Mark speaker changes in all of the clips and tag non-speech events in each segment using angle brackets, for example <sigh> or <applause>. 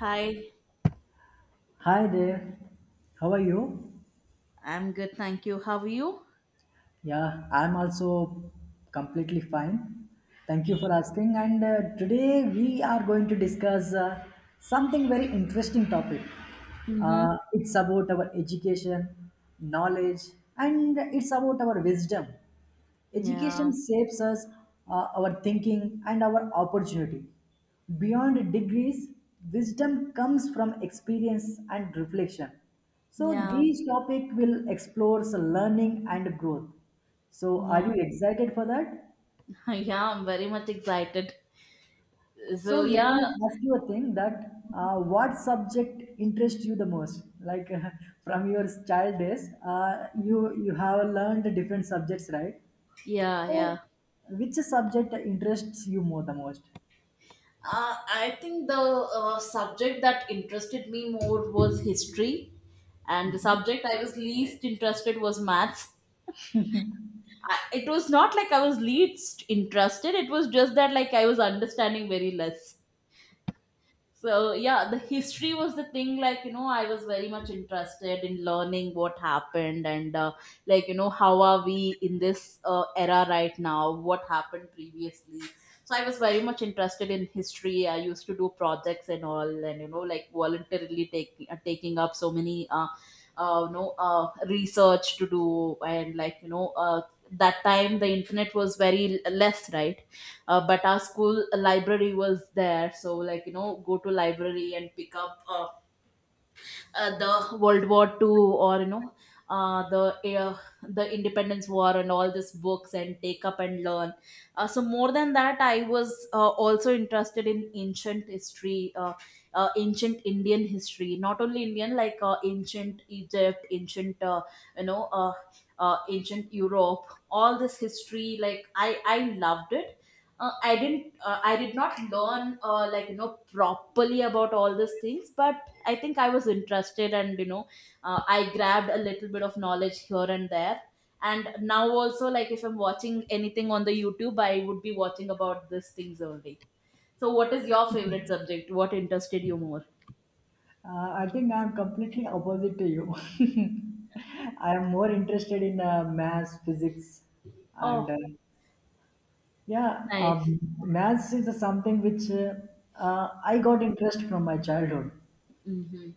Speaker 1: Hi,
Speaker 2: Hi there. How are you?
Speaker 1: I'm good, thank you. How are you?
Speaker 2: Yeah, I'm also completely fine. Thank you for asking. And today we are going to discuss something very interesting topic.
Speaker 1: Mm-hmm.
Speaker 2: It's about our education, knowledge, and it's about our wisdom.
Speaker 1: Yeah,
Speaker 2: Education shapes us, our thinking, and our opportunity. Beyond degrees, wisdom comes from experience and reflection. So,
Speaker 1: yeah,
Speaker 2: these topic will explore learning and growth. So, are
Speaker 1: yeah,
Speaker 2: you excited for that?
Speaker 1: <laughs> yeah. I'm very much excited.
Speaker 2: So,
Speaker 1: So
Speaker 2: let
Speaker 1: yeah,
Speaker 2: me ask you a thing that what subject interests you the most? Like <laughs> from your child days,
Speaker 1: Mhm.
Speaker 2: you have learned different subjects, right?
Speaker 1: yeah,
Speaker 2: So,
Speaker 1: yeah.
Speaker 2: which subject interests you more the most?
Speaker 1: I think the subject that interested me more was history, and the subject I was least interested was maths. I, it was not like I was least interested. It was just that like I was understanding very less. So yeah, the history was the thing. Like you know, I was very much interested in learning what happened and like you know how are we in this era right now? What happened previously? So I was very much interested in history. I used to do projects and all, and you know, like voluntarily taking up so many research to do and that time the internet was very less, right? But our school library was there, so like you know, go to library and pick up the World War Two, or you know, uh, the uh, the Independence War and all these books, and take up and learn. So more than that, I was also interested in ancient history, ancient Indian history, not only Indian, like ancient Egypt, ancient you know ancient Europe, all this history. Like I loved it. I didn't. I did not learn like you know, properly about all these things, but I think I was interested, and you know, I grabbed a little bit of knowledge here and there. And now also, like if I'm watching anything on the YouTube, I would be watching about these things only. So, what is your favorite subject? What interested you more?
Speaker 2: I think I'm completely opposite to you. <laughs> I am more interested in maths, physics, and
Speaker 1: Oh,
Speaker 2: yeah,
Speaker 1: nice.
Speaker 2: maths is something which I got interest from my childhood.
Speaker 1: Hmm.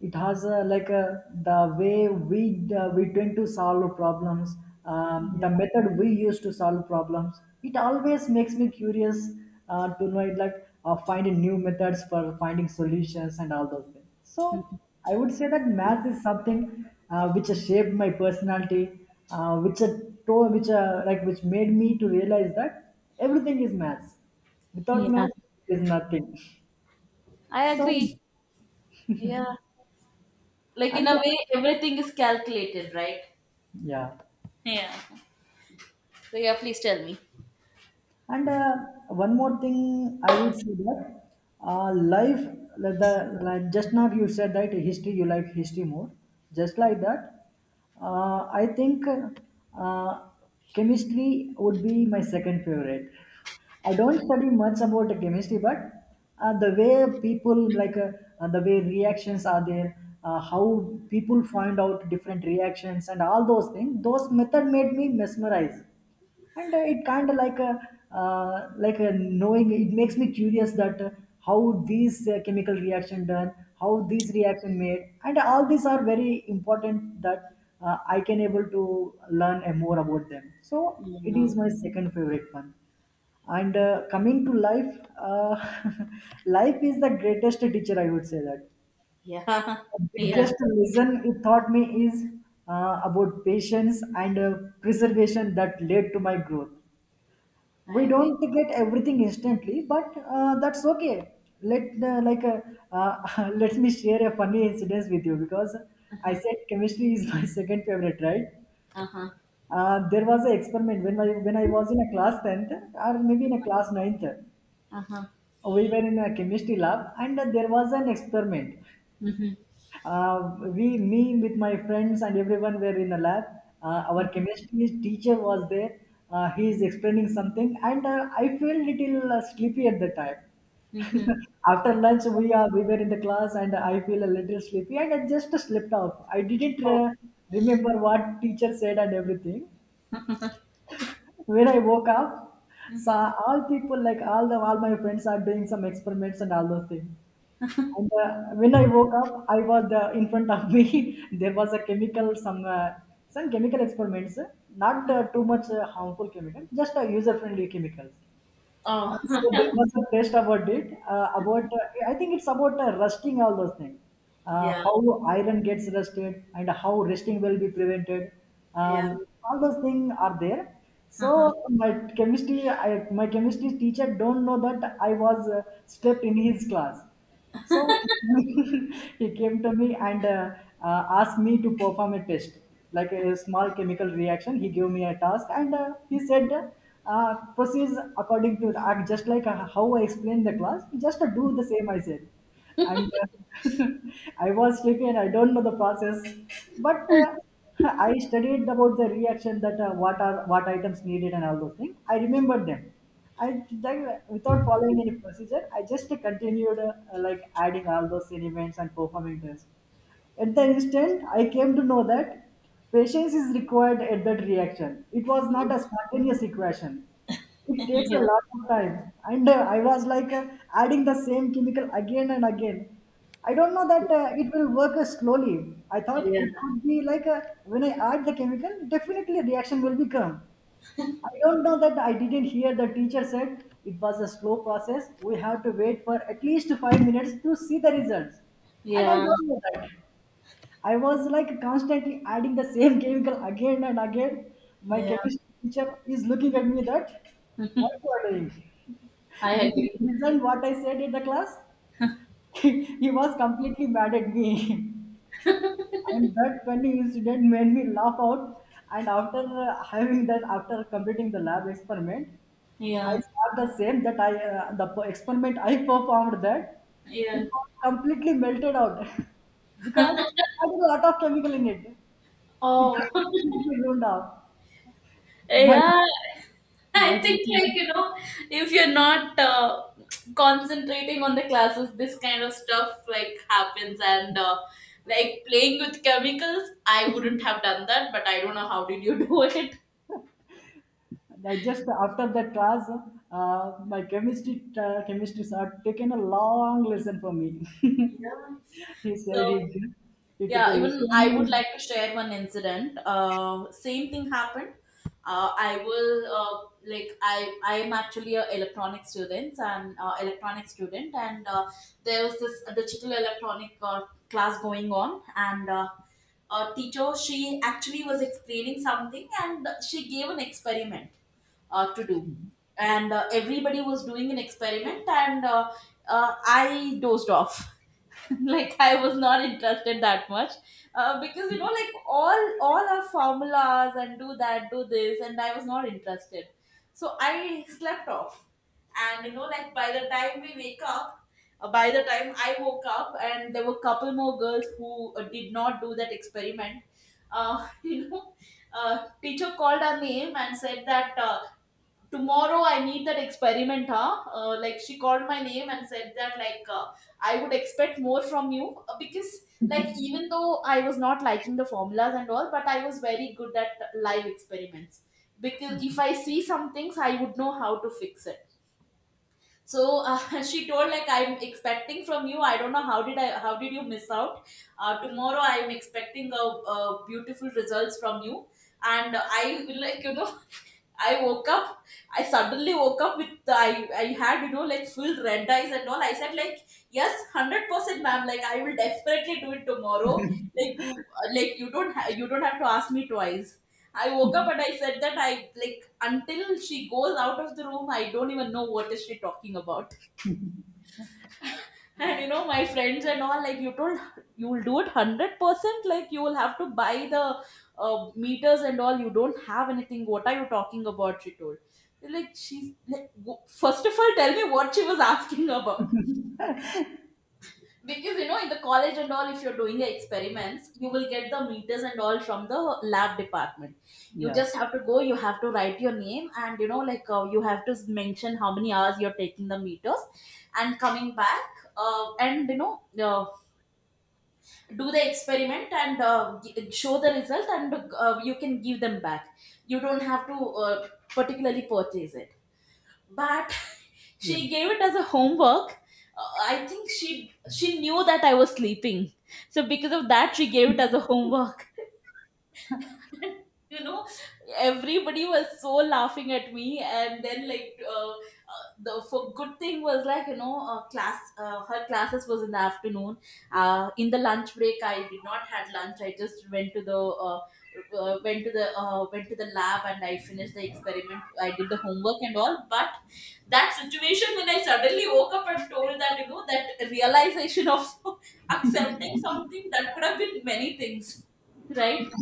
Speaker 2: It has the way we tend to solve problems,
Speaker 1: Yeah.
Speaker 2: the
Speaker 1: <laughs>
Speaker 2: method we use to solve problems it always makes me curious to know it, like finding new methods for finding solutions and all those things. So
Speaker 1: Mhm.
Speaker 2: I would say that math is something which has shaped my personality, which to- which like which made me to realize that everything is math. Without
Speaker 1: Yeah,
Speaker 2: math is nothing.
Speaker 1: I
Speaker 2: <laughs> so
Speaker 1: agree. Yeah, like in
Speaker 2: and
Speaker 1: a way, everything is calculated, right?
Speaker 2: yeah
Speaker 1: So, yeah, please tell me.
Speaker 2: And One more thing, I would say that life, like just now you said that history, you like history more. Just like that, I think uh, chemistry would be my second favorite. I don't study much about the chemistry, but the way people, the way reactions are there, how people find out different reactions and all those things, those method made me mesmerized. And it kind of like a knowing it makes me curious that how these chemical reaction done, how these reaction made and all these are very important that I can able to learn more about them, so it
Speaker 1: Yeah,
Speaker 2: is my second favorite one. And coming to life, uh, <laughs> life is the greatest teacher I would say that.
Speaker 1: yeah,
Speaker 2: The
Speaker 1: <laughs> yeah.
Speaker 2: biggest lesson it taught me is about patience and preservation that led to my growth.
Speaker 1: I
Speaker 2: We
Speaker 1: agree.
Speaker 2: don't get everything instantly, but that's okay. let like <laughs> let me share a funny incident with you because
Speaker 1: Uh
Speaker 2: I
Speaker 1: huh.
Speaker 2: said chemistry is my <laughs> second favorite, right?
Speaker 1: Uh huh.
Speaker 2: There was an experiment when when I was in a class 10th or maybe in a class ninth.
Speaker 1: Uh
Speaker 2: We were in a chemistry lab and there was an experiment.
Speaker 1: huh.
Speaker 2: With my friends and everyone were in the lab. Our chemistry teacher was there. He is explaining something, and I feel little sleepy at the time.
Speaker 1: Mhm.
Speaker 2: <laughs> After lunch, we were in the class, and I feel a little sleepy, and I just slept off. I didn't remember what teacher said and everything. When I woke up,
Speaker 1: Mhm.
Speaker 2: saw all people, like all my friends are doing some experiments and all those things. And when I woke up, I was in front of me. <laughs> There was a chemical, some chemical experiments, not too much harmful chemical, just user-friendly chemicals.
Speaker 1: Oh,
Speaker 2: So there was a test about it. About I think it's about rusting all those things.
Speaker 1: <laughs> yeah.
Speaker 2: How iron gets rusted and how rusting will be prevented.
Speaker 1: Yeah.
Speaker 2: All those things are there. So
Speaker 1: Uh-huh.
Speaker 2: my chemistry, my chemistry teacher don't know that I was slept in his class. So <laughs> he came to me and asked me to perform a test, like a small chemical reaction. He gave me a task and he said, "Proceed according to the, act," just like how I explained the class, just do the same I said. And <laughs> I was taken. I don't know the process, but <laughs> I studied about the reaction, that what items needed and all those things. I remembered them. I like, without following any procedure, I just continued like adding all those elements and performing this. At the instant, I came to know that patience is required at that reaction. It was not a spontaneous equation, it
Speaker 1: <laughs>
Speaker 2: takes a
Speaker 1: Yeah.
Speaker 2: lot of time. And I was like adding the same chemical again and again. I don't know that it will work slowly. I thought
Speaker 1: Yeah.
Speaker 2: it could be like when I add the chemical, definitely a reaction will become. I don't know that, I didn't hear the teacher said. It was a slow process, we have to wait for at least 5 minutes to see the results. And I
Speaker 1: Yeah.
Speaker 2: don't know that I was like constantly adding the same <laughs> chemical again and again. My
Speaker 1: Yeah.
Speaker 2: chemistry teacher is looking at me that,
Speaker 1: <laughs>
Speaker 2: what you are doing? <laughs>
Speaker 1: I
Speaker 2: Did you
Speaker 1: agree.
Speaker 2: listen what I said in the class? <laughs> He was completely mad at me. <laughs> And that funny incident made me laugh out. And after having that, after completing the lab experiment, I
Speaker 1: Yeah.
Speaker 2: saw the same that experiment I performed, that
Speaker 1: Yeah.
Speaker 2: it was completely melted out <laughs> because I had a lot of chemical in it. It
Speaker 1: Oh.
Speaker 2: completely
Speaker 1: <laughs>
Speaker 2: ruined out my
Speaker 1: yeah. I
Speaker 2: my.
Speaker 1: think like you know, if you're not concentrating on the classes, this kind of stuff like happens, and like playing with chemicals. I wouldn't have done that, but I don't know how did you <laughs> do it.
Speaker 2: I just after that class, my chemistry chemistry sir taken a long lesson for me.
Speaker 1: Yeah.
Speaker 2: <laughs> he
Speaker 1: So,
Speaker 2: said he he took a
Speaker 1: yeah, even I would
Speaker 2: lesson.
Speaker 1: like to share one incident. Same thing happened. I will like I am actually a electronic student, and there was this digital electronic class going on, and a teacher, she actually was explaining something, and she gave an experiment to do, and everybody was doing an experiment, and I dozed off. <laughs> Like I was not interested that much because you know, like all our formulas and do that, do this, and I was not interested, so I slept off. And you know, like by the time we wake up by the time I woke up, and there were couple more girls who did not do that experiment. <laughs> You know, teacher called our name and said that tomorrow I need that experiment, huh? Like she called my name and said that, like I would expect more from you, because like even though I was not liking the formulas and all, but I was very good at live experiments, because if I see some things, I would know how to fix it. So, <laughs> she told like, I'm expecting from you, I don't know how did you miss out. Tomorrow I'm expecting a beautiful results from you. And I will, like you know, <laughs> I woke up. I suddenly woke up with the, I had you know, like full red eyes and all. I said like, yes, 100%, ma'am. Like I will definitely do it tomorrow. Like you like you don't you don't have to ask me twice. I woke up and I said that I like until she goes out of the room, I don't even know what is she talking about. And you know, my friends and all, like you told, you'll do it 100%. Like you will have to buy the meters and all. You don't have anything. What are you talking about? She told. Like she's like, first of all, tell me what she was <laughs> asking about. Because you know, in the college and all, if you're doing the experiments, you will get the meters and all from the lab department. You
Speaker 2: Yeah,
Speaker 1: just have to go, you have to write your name, and you know, like you have to mention how many hours you're taking the meters and coming back. And you know, uh, do the experiment and uh, show the result, and you can give them back. You don't have to particularly purchase it, but <laughs>
Speaker 2: yeah.
Speaker 1: she gave it as a homework. I think she knew that I was sleeping, so because of that she gave it as a homework. <laughs> You know, everybody was so laughing at me, and then like the for good thing was like you know, class her classes was in the afternoon. In the lunch break I did not had lunch, I just went to the uh, went to the went to the lab and I finished the experiment, I did the homework and all, but that situation when I suddenly woke up and told that you know, that realization of <laughs> accepting something that could have been many things, <laughs> right?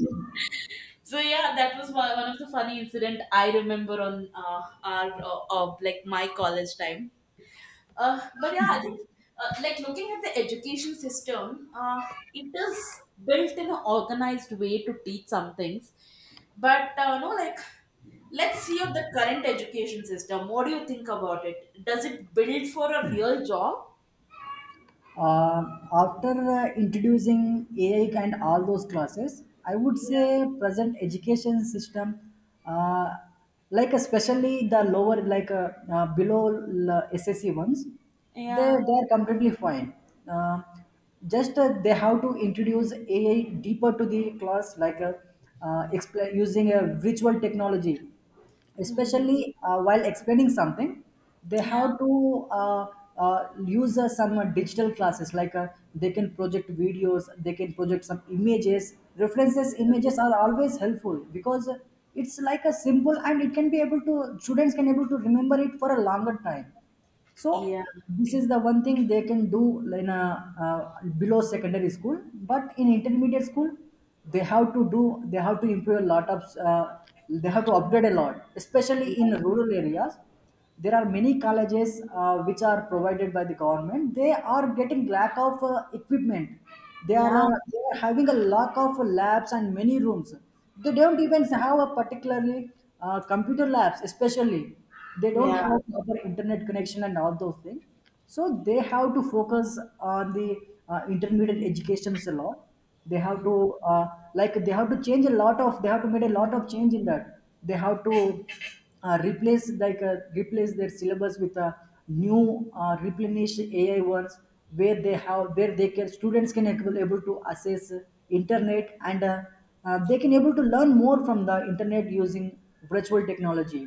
Speaker 1: So yeah, that was one of the funny incident I remember on uh, our like my college time. But yeah, I think like looking at the education system, it is built in an organized way to teach some things. But no, like let's see of the current education system. What do you think about it? Does it build for a real job?
Speaker 2: After introducing AI and all those classes, I would
Speaker 1: Yeah,
Speaker 2: say present education system, uh, like especially the lower, like below SSC ones, they
Speaker 1: yeah,
Speaker 2: they are completely fine. Uh, just They have to introduce AI deeper to the class, like expla using a virtual technology,
Speaker 1: hmm,
Speaker 2: especially while explaining something. They
Speaker 1: yeah,
Speaker 2: have to use some digital classes, like they can project videos, they can project some images, references images are always helpful because it's like a symbol and it can be able to students can able to remember it for a longer time. So
Speaker 1: yeah,
Speaker 2: this is the one thing they can do in a, below secondary school. But in intermediate school, they have to improve a lot of they have to upgrade a lot, especially in
Speaker 1: yeah,
Speaker 2: rural areas. There are many colleges which are provided by the government. They are getting lack of equipment. They are
Speaker 1: yeah,
Speaker 2: uh, they are having a lack of labs and many rooms. They don't even have a particularly computer labs, especially they don't have proper internet connection and all those things. So they have to focus on the intermediate educations a lot. they have
Speaker 1: yeah.
Speaker 2: to uh, they have to change a lot of, they have to make a lot of change in that. They have to replace their syllabus with a new replenish AI ones, where they have where they can students can able to access internet and they can able to learn more from the internet using virtual technology.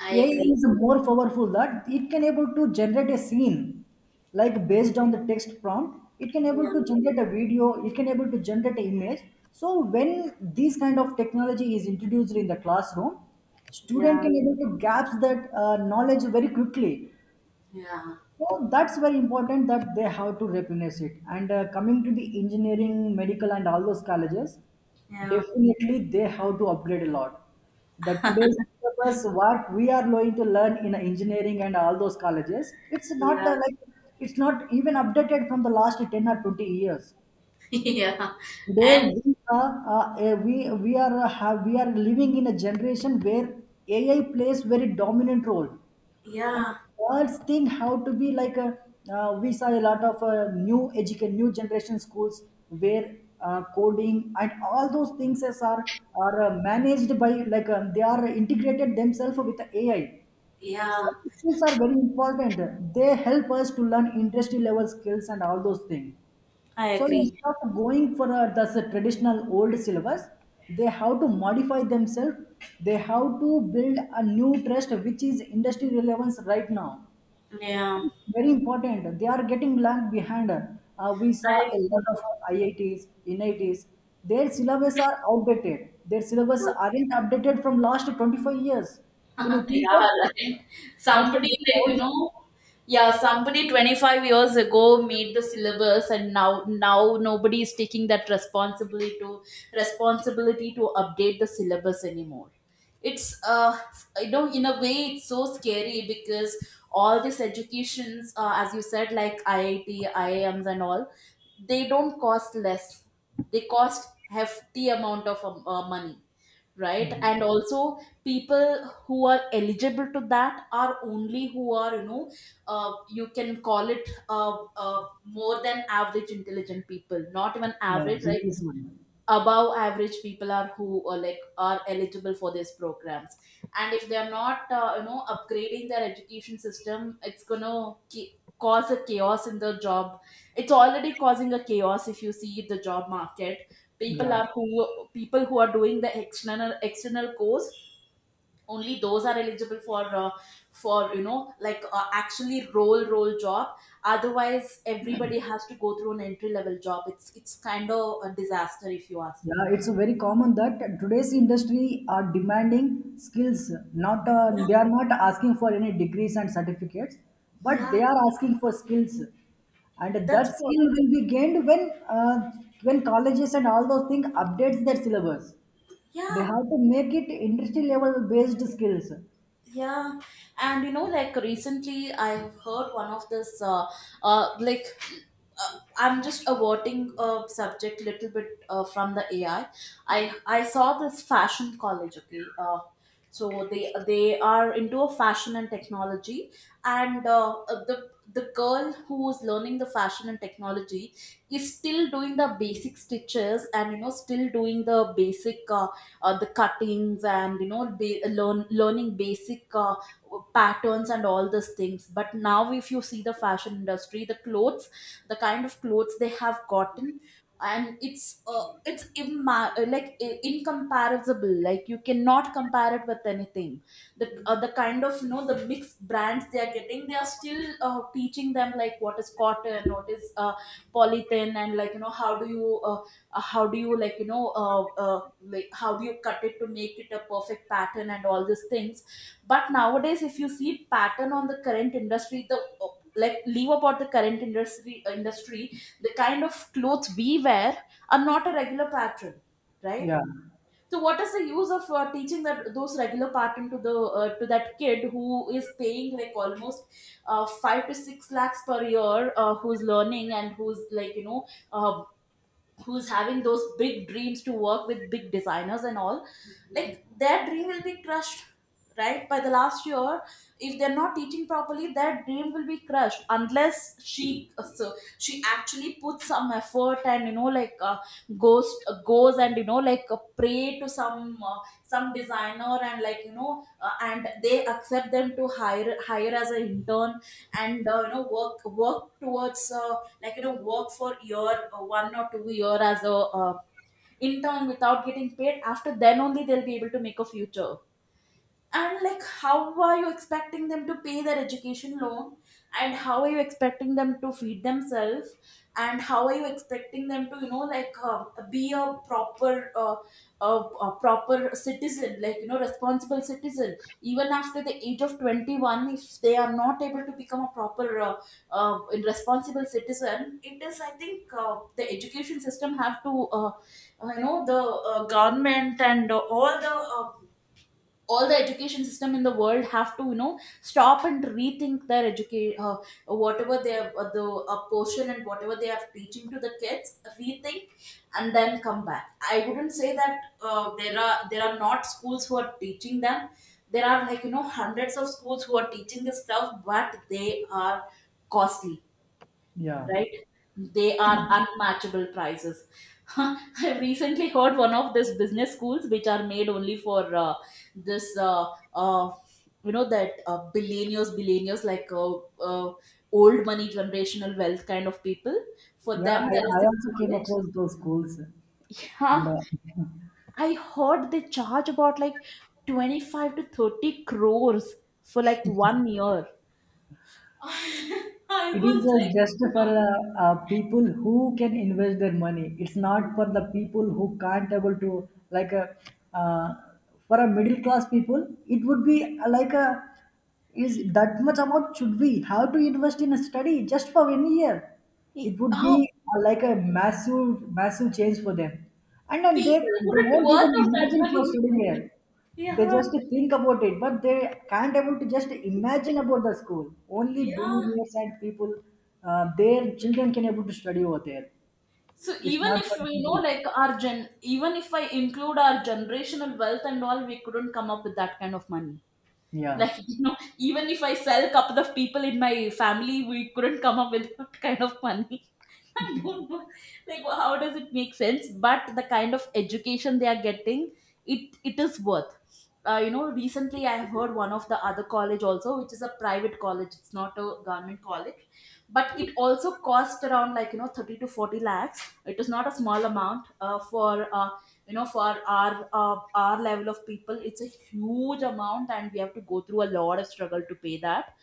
Speaker 1: I
Speaker 2: AI
Speaker 1: agree.
Speaker 2: is more powerful that it can able to generate a scene, like based on the text prompt, it can
Speaker 1: Yeah,
Speaker 2: able to generate a video, it can able to generate an image. So when this kind of technology is introduced in the classroom, student
Speaker 1: yeah,
Speaker 2: can able to grasp that knowledge very quickly,
Speaker 1: yeah,
Speaker 2: so that's very important that they have to replenish it. And coming to the engineering, medical, and all those colleges,
Speaker 1: yeah,
Speaker 2: definitely they have to upgrade a lot. That today's syllabus, what we are going to learn in engineering and all those colleges, it's not
Speaker 1: yeah,
Speaker 2: like it's not even updated from the last 10 or 20 years.
Speaker 1: <laughs> yeah,
Speaker 2: Today
Speaker 1: and
Speaker 2: we are we are living in a generation where AI plays very dominant role. And
Speaker 1: yeah,
Speaker 2: third thing, how to be like a, we saw a lot of new generation schools where coding and all those things as are managed by like they are integrated themselves with the AI.
Speaker 1: yeah,
Speaker 2: Such skills are very important. They help us to learn industry level skills and all those things.
Speaker 1: I
Speaker 2: So
Speaker 1: agree.
Speaker 2: instead of going for traditional old syllabus, they have to modify themselves. They have to build a new trust which is industry relevance right now,
Speaker 1: Yeah,
Speaker 2: very important. They are getting lagged behind. We saw
Speaker 1: I
Speaker 2: a lot
Speaker 1: agree.
Speaker 2: of IITs, NITs. Their syllabus are outdated. Their syllabus aren't updated from last 25 years.
Speaker 1: <laughs>
Speaker 2: Can you think of
Speaker 1: yeah,
Speaker 2: that?
Speaker 1: right.
Speaker 2: That's a
Speaker 1: Somebody
Speaker 2: very
Speaker 1: like you
Speaker 2: old.
Speaker 1: know, yeah, somebody 25 years ago made the syllabus, and now now nobody is taking that responsibility to update the syllabus anymore. It's you know, in a way, it's so scary because all these educations, as you said, like IIT, IIMs, and all, they don't cost less. They cost hefty amount of money, right? And also, people who are eligible to that are only who are you know, you can call it more than average intelligent people, not even
Speaker 2: Yeah,
Speaker 1: average, like
Speaker 2: genius one.
Speaker 1: above average people are who are like are eligible for these programs. And if they're not you know, upgrading their education system, it's gonna cause a chaos in the job. It's already causing a chaos if you see the job market. people
Speaker 2: Yeah.
Speaker 1: are who People who are doing the external course only those are eligible for you know like actually role job. Otherwise everybody has to go through an entry level job. It's kind of a disaster if you ask me.
Speaker 2: Yeah, it's very common that today's industry are demanding skills. Not
Speaker 1: Yeah,
Speaker 2: they are not asking for any degrees and certificates, but
Speaker 1: yeah,
Speaker 2: they are asking for skills, and that
Speaker 1: that's what.
Speaker 2: skill will be gained when colleges and all those things updates their syllabus. They
Speaker 1: Yeah,
Speaker 2: have to make it industry level based skills.
Speaker 1: yeah. And you know, like recently I've heard one of this, uh, like, I'm just averting a subject little bit from the AI. I saw this fashion college, okay? So they are into a fashion and technology, and the girl who is learning the fashion and technology is still doing the basic stitches, and still doing the basic the cuttings, and learning basic patterns and all these things. But now, if you see the fashion industry, the clothes, the kind of clothes they have gotten, and it's like incomparable. Like, you cannot compare it with anything. The kind of, the mixed brands they are getting, they are still teaching them like, what is cotton, what is polythene, and like, how do you — you know like how do you cut it to make it a perfect pattern and all these things. But nowadays, if you see pattern on the current industry, the like, leave about the current industry, the kind of clothes we wear are not a regular pattern, right?
Speaker 2: Yeah,
Speaker 1: So what is the use of teaching that, those regular pattern, to the to that kid who is paying like almost, 5 to 6 lakhs per year, who's learning and who's like you know uh, who's having those big dreams to work with big designers and all? Like, their dream will be crushed, right, by the last year? If they're not teaching properly, their dream will be crushed, unless she uh, so she actually puts some effort and, goes and, pray to some designer, and, and they accept them to hire as an intern, and, work towards, like you know work for year one or two-year as a intern without getting paid. After then only they'll be able to make a future. And like, how are you expecting them to pay their education loan? And how are you expecting them to feed themselves? And how are you expecting them to, be a proper citizen, like, you know, responsible citizen, even after the age of 21? If they are not able to become a proper uh, responsible citizen, it is, I think, the education system have to, the government, and all the education system in the world have to, stop and rethink their education, whatever they have, the portion, and whatever they are teaching to the kids. Rethink and then come back. I wouldn't say that, there are not schools who are teaching them. There are, hundreds of schools who are teaching this stuff, but they are costly,
Speaker 2: yeah,
Speaker 1: right? They are unmatchable prices. <laughs> I recently heard one of this business schools, which are made only for, this, you know that billionaires, like, uh, old money, generational wealth kind of people. For
Speaker 2: yeah,
Speaker 1: them,
Speaker 2: I,
Speaker 1: there is
Speaker 2: I
Speaker 1: this
Speaker 2: also came
Speaker 1: college.
Speaker 2: across those schools, and
Speaker 1: Yeah.
Speaker 2: uh, <laughs>
Speaker 1: I heard they charge about, like, 25 to 30 crores for, like, one year. <laughs> I
Speaker 2: It is
Speaker 1: was like,
Speaker 2: just for
Speaker 1: "What?"
Speaker 2: people who can invest their money. It's not for the people who can't able to like uh, for a middle class people. It would be like a is that much amount should we have to invest in a study just for 1 year? It would
Speaker 1: Oh,
Speaker 2: be like a massive change for them, and then they
Speaker 1: people
Speaker 2: they
Speaker 1: wouldn't
Speaker 2: won't
Speaker 1: worth
Speaker 2: even
Speaker 1: of that
Speaker 2: imagine for
Speaker 1: money.
Speaker 2: studying here. They
Speaker 1: Yeah.
Speaker 2: just think about it, but they can't able to just imagine about the school. Only
Speaker 1: Yeah.
Speaker 2: billionaires and people, their children can able to study over there.
Speaker 1: So
Speaker 2: It's
Speaker 1: even
Speaker 2: not for
Speaker 1: if
Speaker 2: the
Speaker 1: we know,
Speaker 2: people.
Speaker 1: like, our gen even if I include our generational wealth and all, we couldn't come up with that kind of money.
Speaker 2: Yeah.
Speaker 1: Like, <laughs> you know, even if I sell couple of people in my family, we couldn't come up with that kind of money. <laughs> I don't know, like, how does it make sense? But the kind of education they are getting, it is worth. Recently I have heard one of the other college also, which is a private college. It's not a government college, but it also cost around, 30 to 40 lakhs. It is not a small amount. For, you know, for our level of people, it's a huge amount, and we have to go through a lot of struggle to pay that.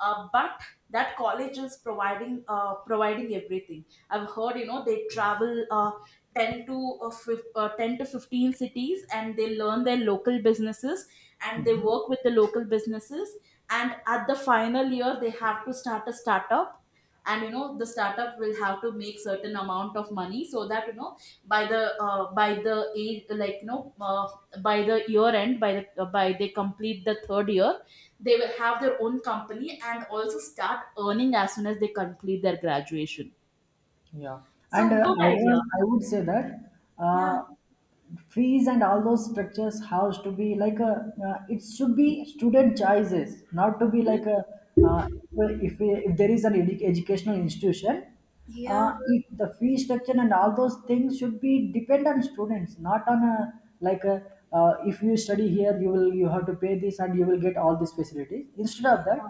Speaker 1: But that college is providing, providing everything, I've heard. You know, they travel, 10 to 15 cities, and they learn their local businesses, and they work with the local businesses, and at the final year they have to start a startup. And, the startup will have to make certain amount of money, so that, by the age, by the year end, by they complete the third year, they will have their own company and also start earning as soon as they complete their graduation.
Speaker 2: Yeah, and
Speaker 1: So, good idea.
Speaker 2: I would say that
Speaker 1: Yeah.
Speaker 2: uh, fees and all those structures has to be like a it should be student choices, not to be like a uh, if there is an edu- educational institution,
Speaker 1: Yeah.
Speaker 2: if the fee structure and all those things should be depend on students, not on a like a if you study here you will you have to pay this and you will get all these facilities. Instead of
Speaker 1: Yeah.
Speaker 2: that.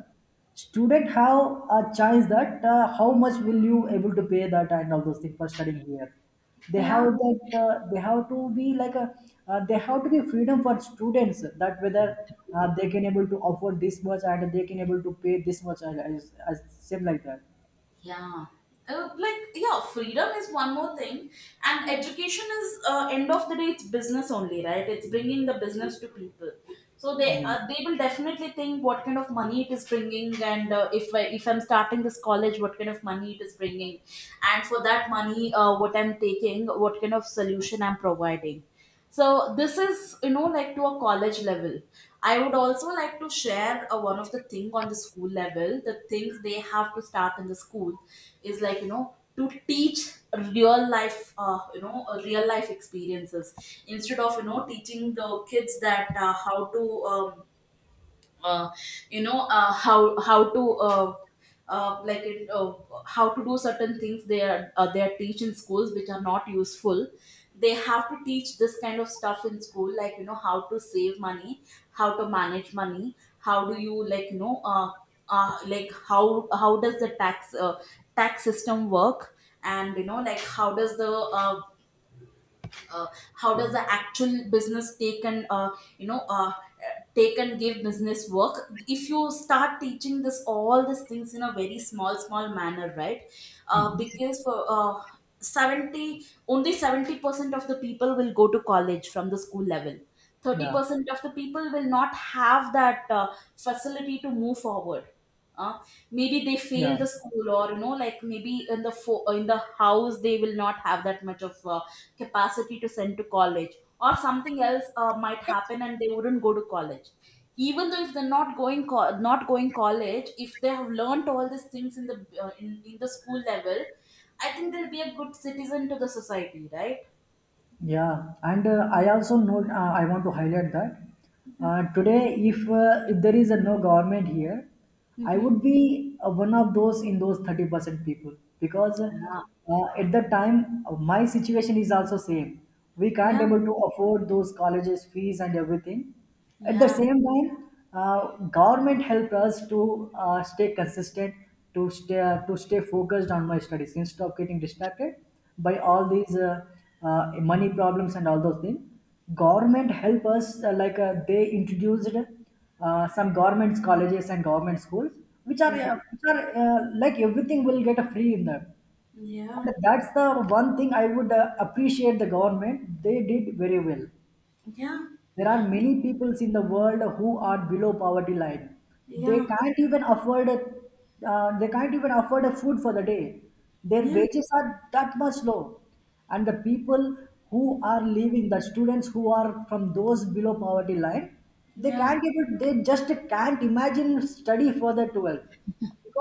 Speaker 2: Student have a chance that how much will you able to pay that and all those things for studying here. They have
Speaker 1: Yeah.
Speaker 2: that they have to be like a they have to be freedom for students that whether they can able to afford this much and they can able to pay this much as same like that.
Speaker 1: Yeah. Like, yeah, freedom is one more thing, and education is, end of the day, it's business only, right? It's bringing the business to people. So they
Speaker 2: Yeah.
Speaker 1: uh, they will definitely think what kind of money it is bringing. And if if I'm starting this college, what kind of money it is bringing. And for that money, what I'm taking, what kind of solution I'm providing. So this is, like, to a college level. I would also like to share one of the thing on the school level. The things they have to start in the school is, to teach real life, real life experiences, instead of, teaching the kids that, how to, uh, how to, uh, like it, uh, how to do certain things. They are, teach in schools, which are not useful. They have to teach this kind of stuff in school, like, you know, how to save money, how to manage money, how do you, like you know like how does the tax system work. And, like, how does the, uh, how does the actual business take, and, you know uh, take and give business work. If you start teaching this, all these things, in a very small manner, right?
Speaker 2: Mhm.
Speaker 1: Because for, uh, 70 only 70% of the people will go to college from the school level.
Speaker 2: Yeah.
Speaker 1: 30% of the people will not have that facility to move forward. uh, Maybe they fail
Speaker 2: Yeah.
Speaker 1: the school, or, maybe in the house they will not have that much of capacity to send to college, or something else might happen and they wouldn't go to college. Even though, if they're not not going college, if they have learned all these things in the, in the school level, I think they'll be a good citizen to the society, right?
Speaker 2: Yeah, and I also note I want to highlight that today, if there is a no government here, I
Speaker 1: Mm-hmm.
Speaker 2: would be one of those in those 30% people because
Speaker 1: Yeah.
Speaker 2: uh, at the time my situation is also same. We can't able to afford those colleges fees and everything. At the
Speaker 1: Yeah.
Speaker 2: same time, uh, government helped us to stay consistent, to stay focused on my studies instead of getting distracted by all these uh, money problems and all those things. Government help us like they introduced some government colleges and government schools,
Speaker 1: Yeah.
Speaker 2: which are like everything will get a free in them.
Speaker 1: Yeah.
Speaker 2: And that's the one thing I would appreciate the government. They did very well.
Speaker 1: Yeah.
Speaker 2: There are many peoples in the world who are below poverty line. They
Speaker 1: Yeah.
Speaker 2: can't even afford a, they can't even afford a food for the day. Their
Speaker 1: Yeah. Yeah.
Speaker 2: wages are that much low, and the people who are living, the students who are from those below poverty line, they
Speaker 1: Yeah.
Speaker 2: can't even they just can't imagine study for the 12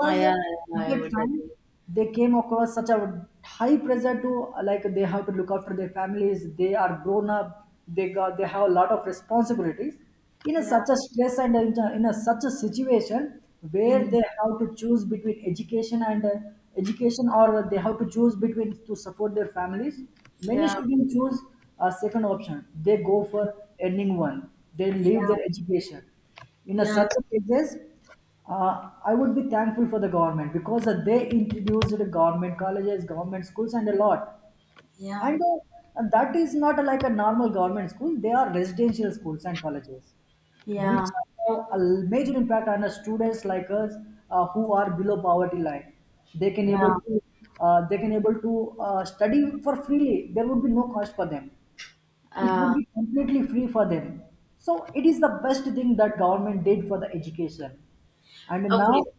Speaker 1: Ah, yeah,
Speaker 2: at
Speaker 1: yeah, I
Speaker 2: that
Speaker 1: would
Speaker 2: time
Speaker 1: agree.
Speaker 2: they came across such a high pressure to like they have to look after their families they are grown up they got they have a lot of responsibilities in a,
Speaker 1: Yeah.
Speaker 2: such a stress and in a such a situation where
Speaker 1: Mm.
Speaker 2: they have to choose between education and education or they have to choose between to support their families many
Speaker 1: Yeah.
Speaker 2: students choose a second option they go for ending one they leave
Speaker 1: Yeah.
Speaker 2: their education in a
Speaker 1: Yeah.
Speaker 2: such a cases I would be thankful for the government because they introduced government colleges, government schools, and a lot.
Speaker 1: Yeah.
Speaker 2: And that is not like a normal government school; they are residential schools and colleges, which
Speaker 1: Yeah.
Speaker 2: have a major impact on the students like us who are below poverty line. They can
Speaker 1: Yeah.
Speaker 2: able to they can able to study for freely. There would be no cost for them. It would
Speaker 1: Uh,
Speaker 2: be completely free for them. So it is the best thing that government did for the education. And now
Speaker 1: okay.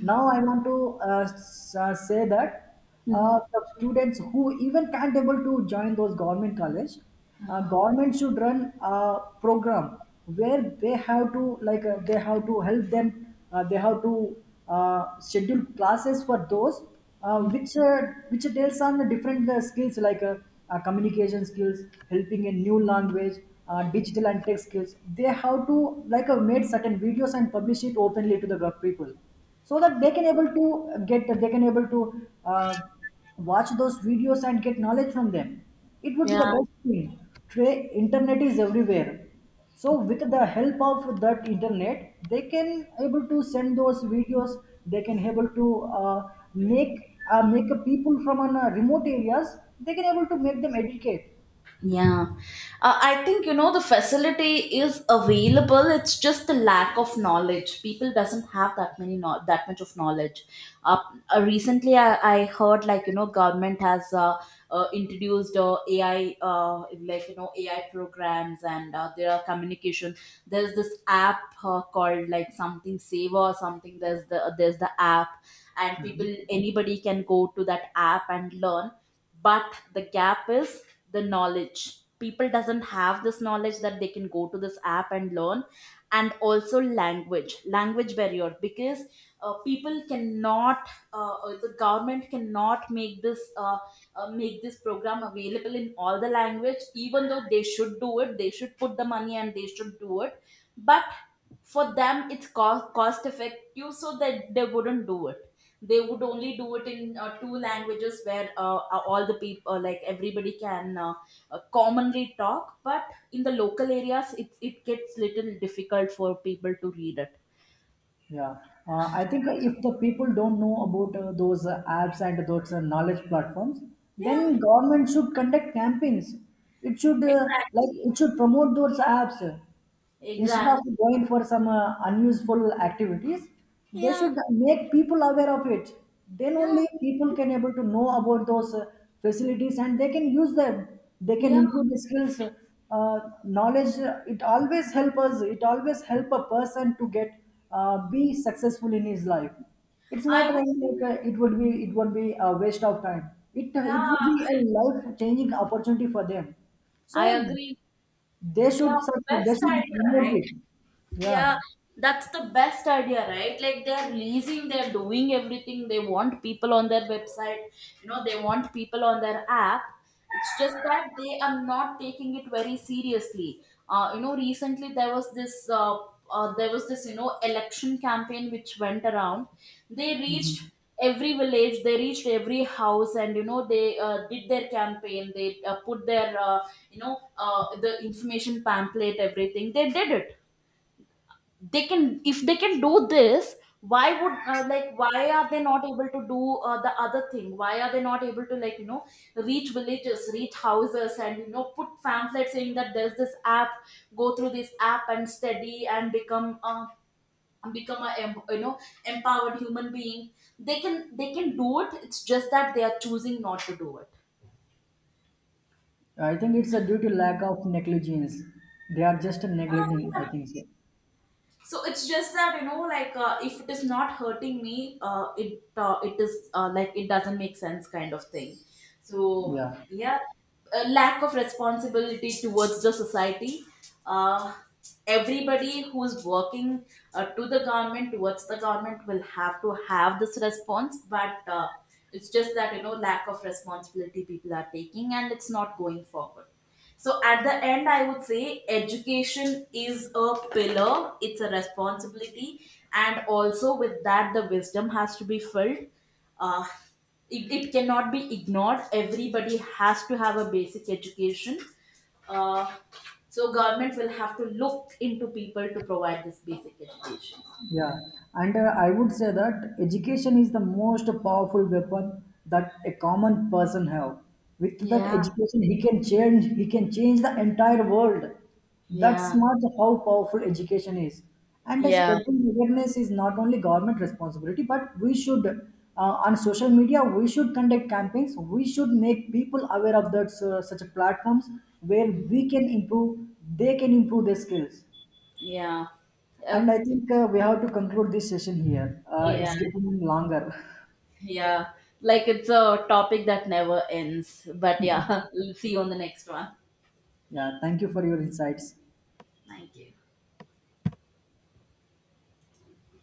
Speaker 2: now I want to say that
Speaker 1: Mhm.
Speaker 2: the students who even can't able to join those government college government should run a program where they have to like they have to help them they have to schedule classes for those uh, which uh, which deals on the different skills like communication skills helping in new language digital and tech skills they have to like made certain videos and publish it openly to the gov- people so that they can able to get they can able to uh, watch those videos and get knowledge from them it would be
Speaker 1: Yeah.
Speaker 2: the best thing today internet is everywhere so with the help of that internet they can able to send those videos they can able to uh, make make a people from an, remote areas they can able to make them educate.
Speaker 1: Yeah. I think, the facility is available. It's just the lack of knowledge. People doesn't have that many, no- that much of knowledge. Uh, Recently, I heard, like, you know, government has introduced AI, AI programs, and there are communication. There's this app called like something Saver or something. There's the app, and people, anybody can go to that app and learn. But the gap is, the knowledge, people doesn't have this knowledge that they can go to this app and learn. And also, language barrier, because people cannot, the government cannot make this, make this program available in all the language. Even though they should do it, they should put the money and they should do it. But for them, it's cost effective, so that they wouldn't do it. They would only do it in two languages, where, all the people, like, everybody can commonly talk. But in the local areas, it gets little difficult for people to read it.
Speaker 2: Yeah, I think if the people don't know about those apps and those knowledge platforms,
Speaker 1: Yeah.
Speaker 2: then government should conduct campaigns. It should like
Speaker 1: Exactly,
Speaker 2: it should promote those apps. Instead
Speaker 1: exactly.
Speaker 2: of going for some unuseful activities, they
Speaker 1: Yeah.
Speaker 2: should make people aware of it. Then
Speaker 1: Yeah.
Speaker 2: only people can able to know about those facilities and they can use them. They can
Speaker 1: Yeah.
Speaker 2: improve the skills, uh, knowledge. It always help us. It always help a person to get be successful in his life. It's not
Speaker 1: I would
Speaker 2: like,
Speaker 1: say,
Speaker 2: like it would be a waste of time. it
Speaker 1: yeah,
Speaker 2: it would be a life changing opportunity for them,
Speaker 1: I
Speaker 2: so
Speaker 1: agree.
Speaker 2: they
Speaker 1: Yeah.
Speaker 2: should they
Speaker 1: West
Speaker 2: should
Speaker 1: Tiger,
Speaker 2: promote
Speaker 1: right?
Speaker 2: it. Yeah,
Speaker 1: Yeah, that's the best idea, right? Like, they're leasing, they're doing everything. They want people on their website. They want people on their app. It's just that they are not taking it very seriously. Recently there was this, you know, election campaign which went around. They reached every village, they reached every house, and, they did their campaign. They put their, the information pamphlet, everything. They did it. They can — if they can do this, why would, like, why are they not able to do the other thing? Why are they not able to, reach villages, reach houses, and, put pamphlets saying that there's this app? Go through this app and study and become, become a em- you know empowered human being. They can, they can do it. It's just that they are choosing not to do it.
Speaker 2: I think it's a due to lack of negligence. They are just neglecting. I think so.
Speaker 1: So it's just that, if it is not hurting me, it, it is like it doesn't make sense kind of thing. So,
Speaker 2: Yeah.
Speaker 1: yeah. A lack of responsibility towards the society. uh, Everybody who's working, to the government, towards the government, will have to have this response. But it's just that, lack of responsibility people are taking, and it's not going forward. So at the end, I would say education is a pillar, it's a responsibility, and also with that, the wisdom has to be filled. Uh, it cannot be ignored. Everybody has to have a basic education. Uh, so government will have to look into people to provide this basic education.
Speaker 2: Yeah, and I would say that education is the most powerful weapon that a common person have. With that
Speaker 1: Yeah.
Speaker 2: education, he can change. He can change the entire world. That's
Speaker 1: Yeah.
Speaker 2: not how powerful education is. And
Speaker 1: Yeah.
Speaker 2: spreading awareness is not only government responsibility, but we should on social media we should conduct campaigns. We should make people aware of that such platforms where we can improve. They can improve their skills.
Speaker 1: Yeah. Oh,
Speaker 2: And I think we have to conclude this session here.
Speaker 1: yeah.
Speaker 2: It's getting longer. <laughs>
Speaker 1: Yeah, like, it's a topic that never ends. But yeah, <laughs> see you on the next one.
Speaker 2: Yeah, thank you for your insights.
Speaker 1: Thank you.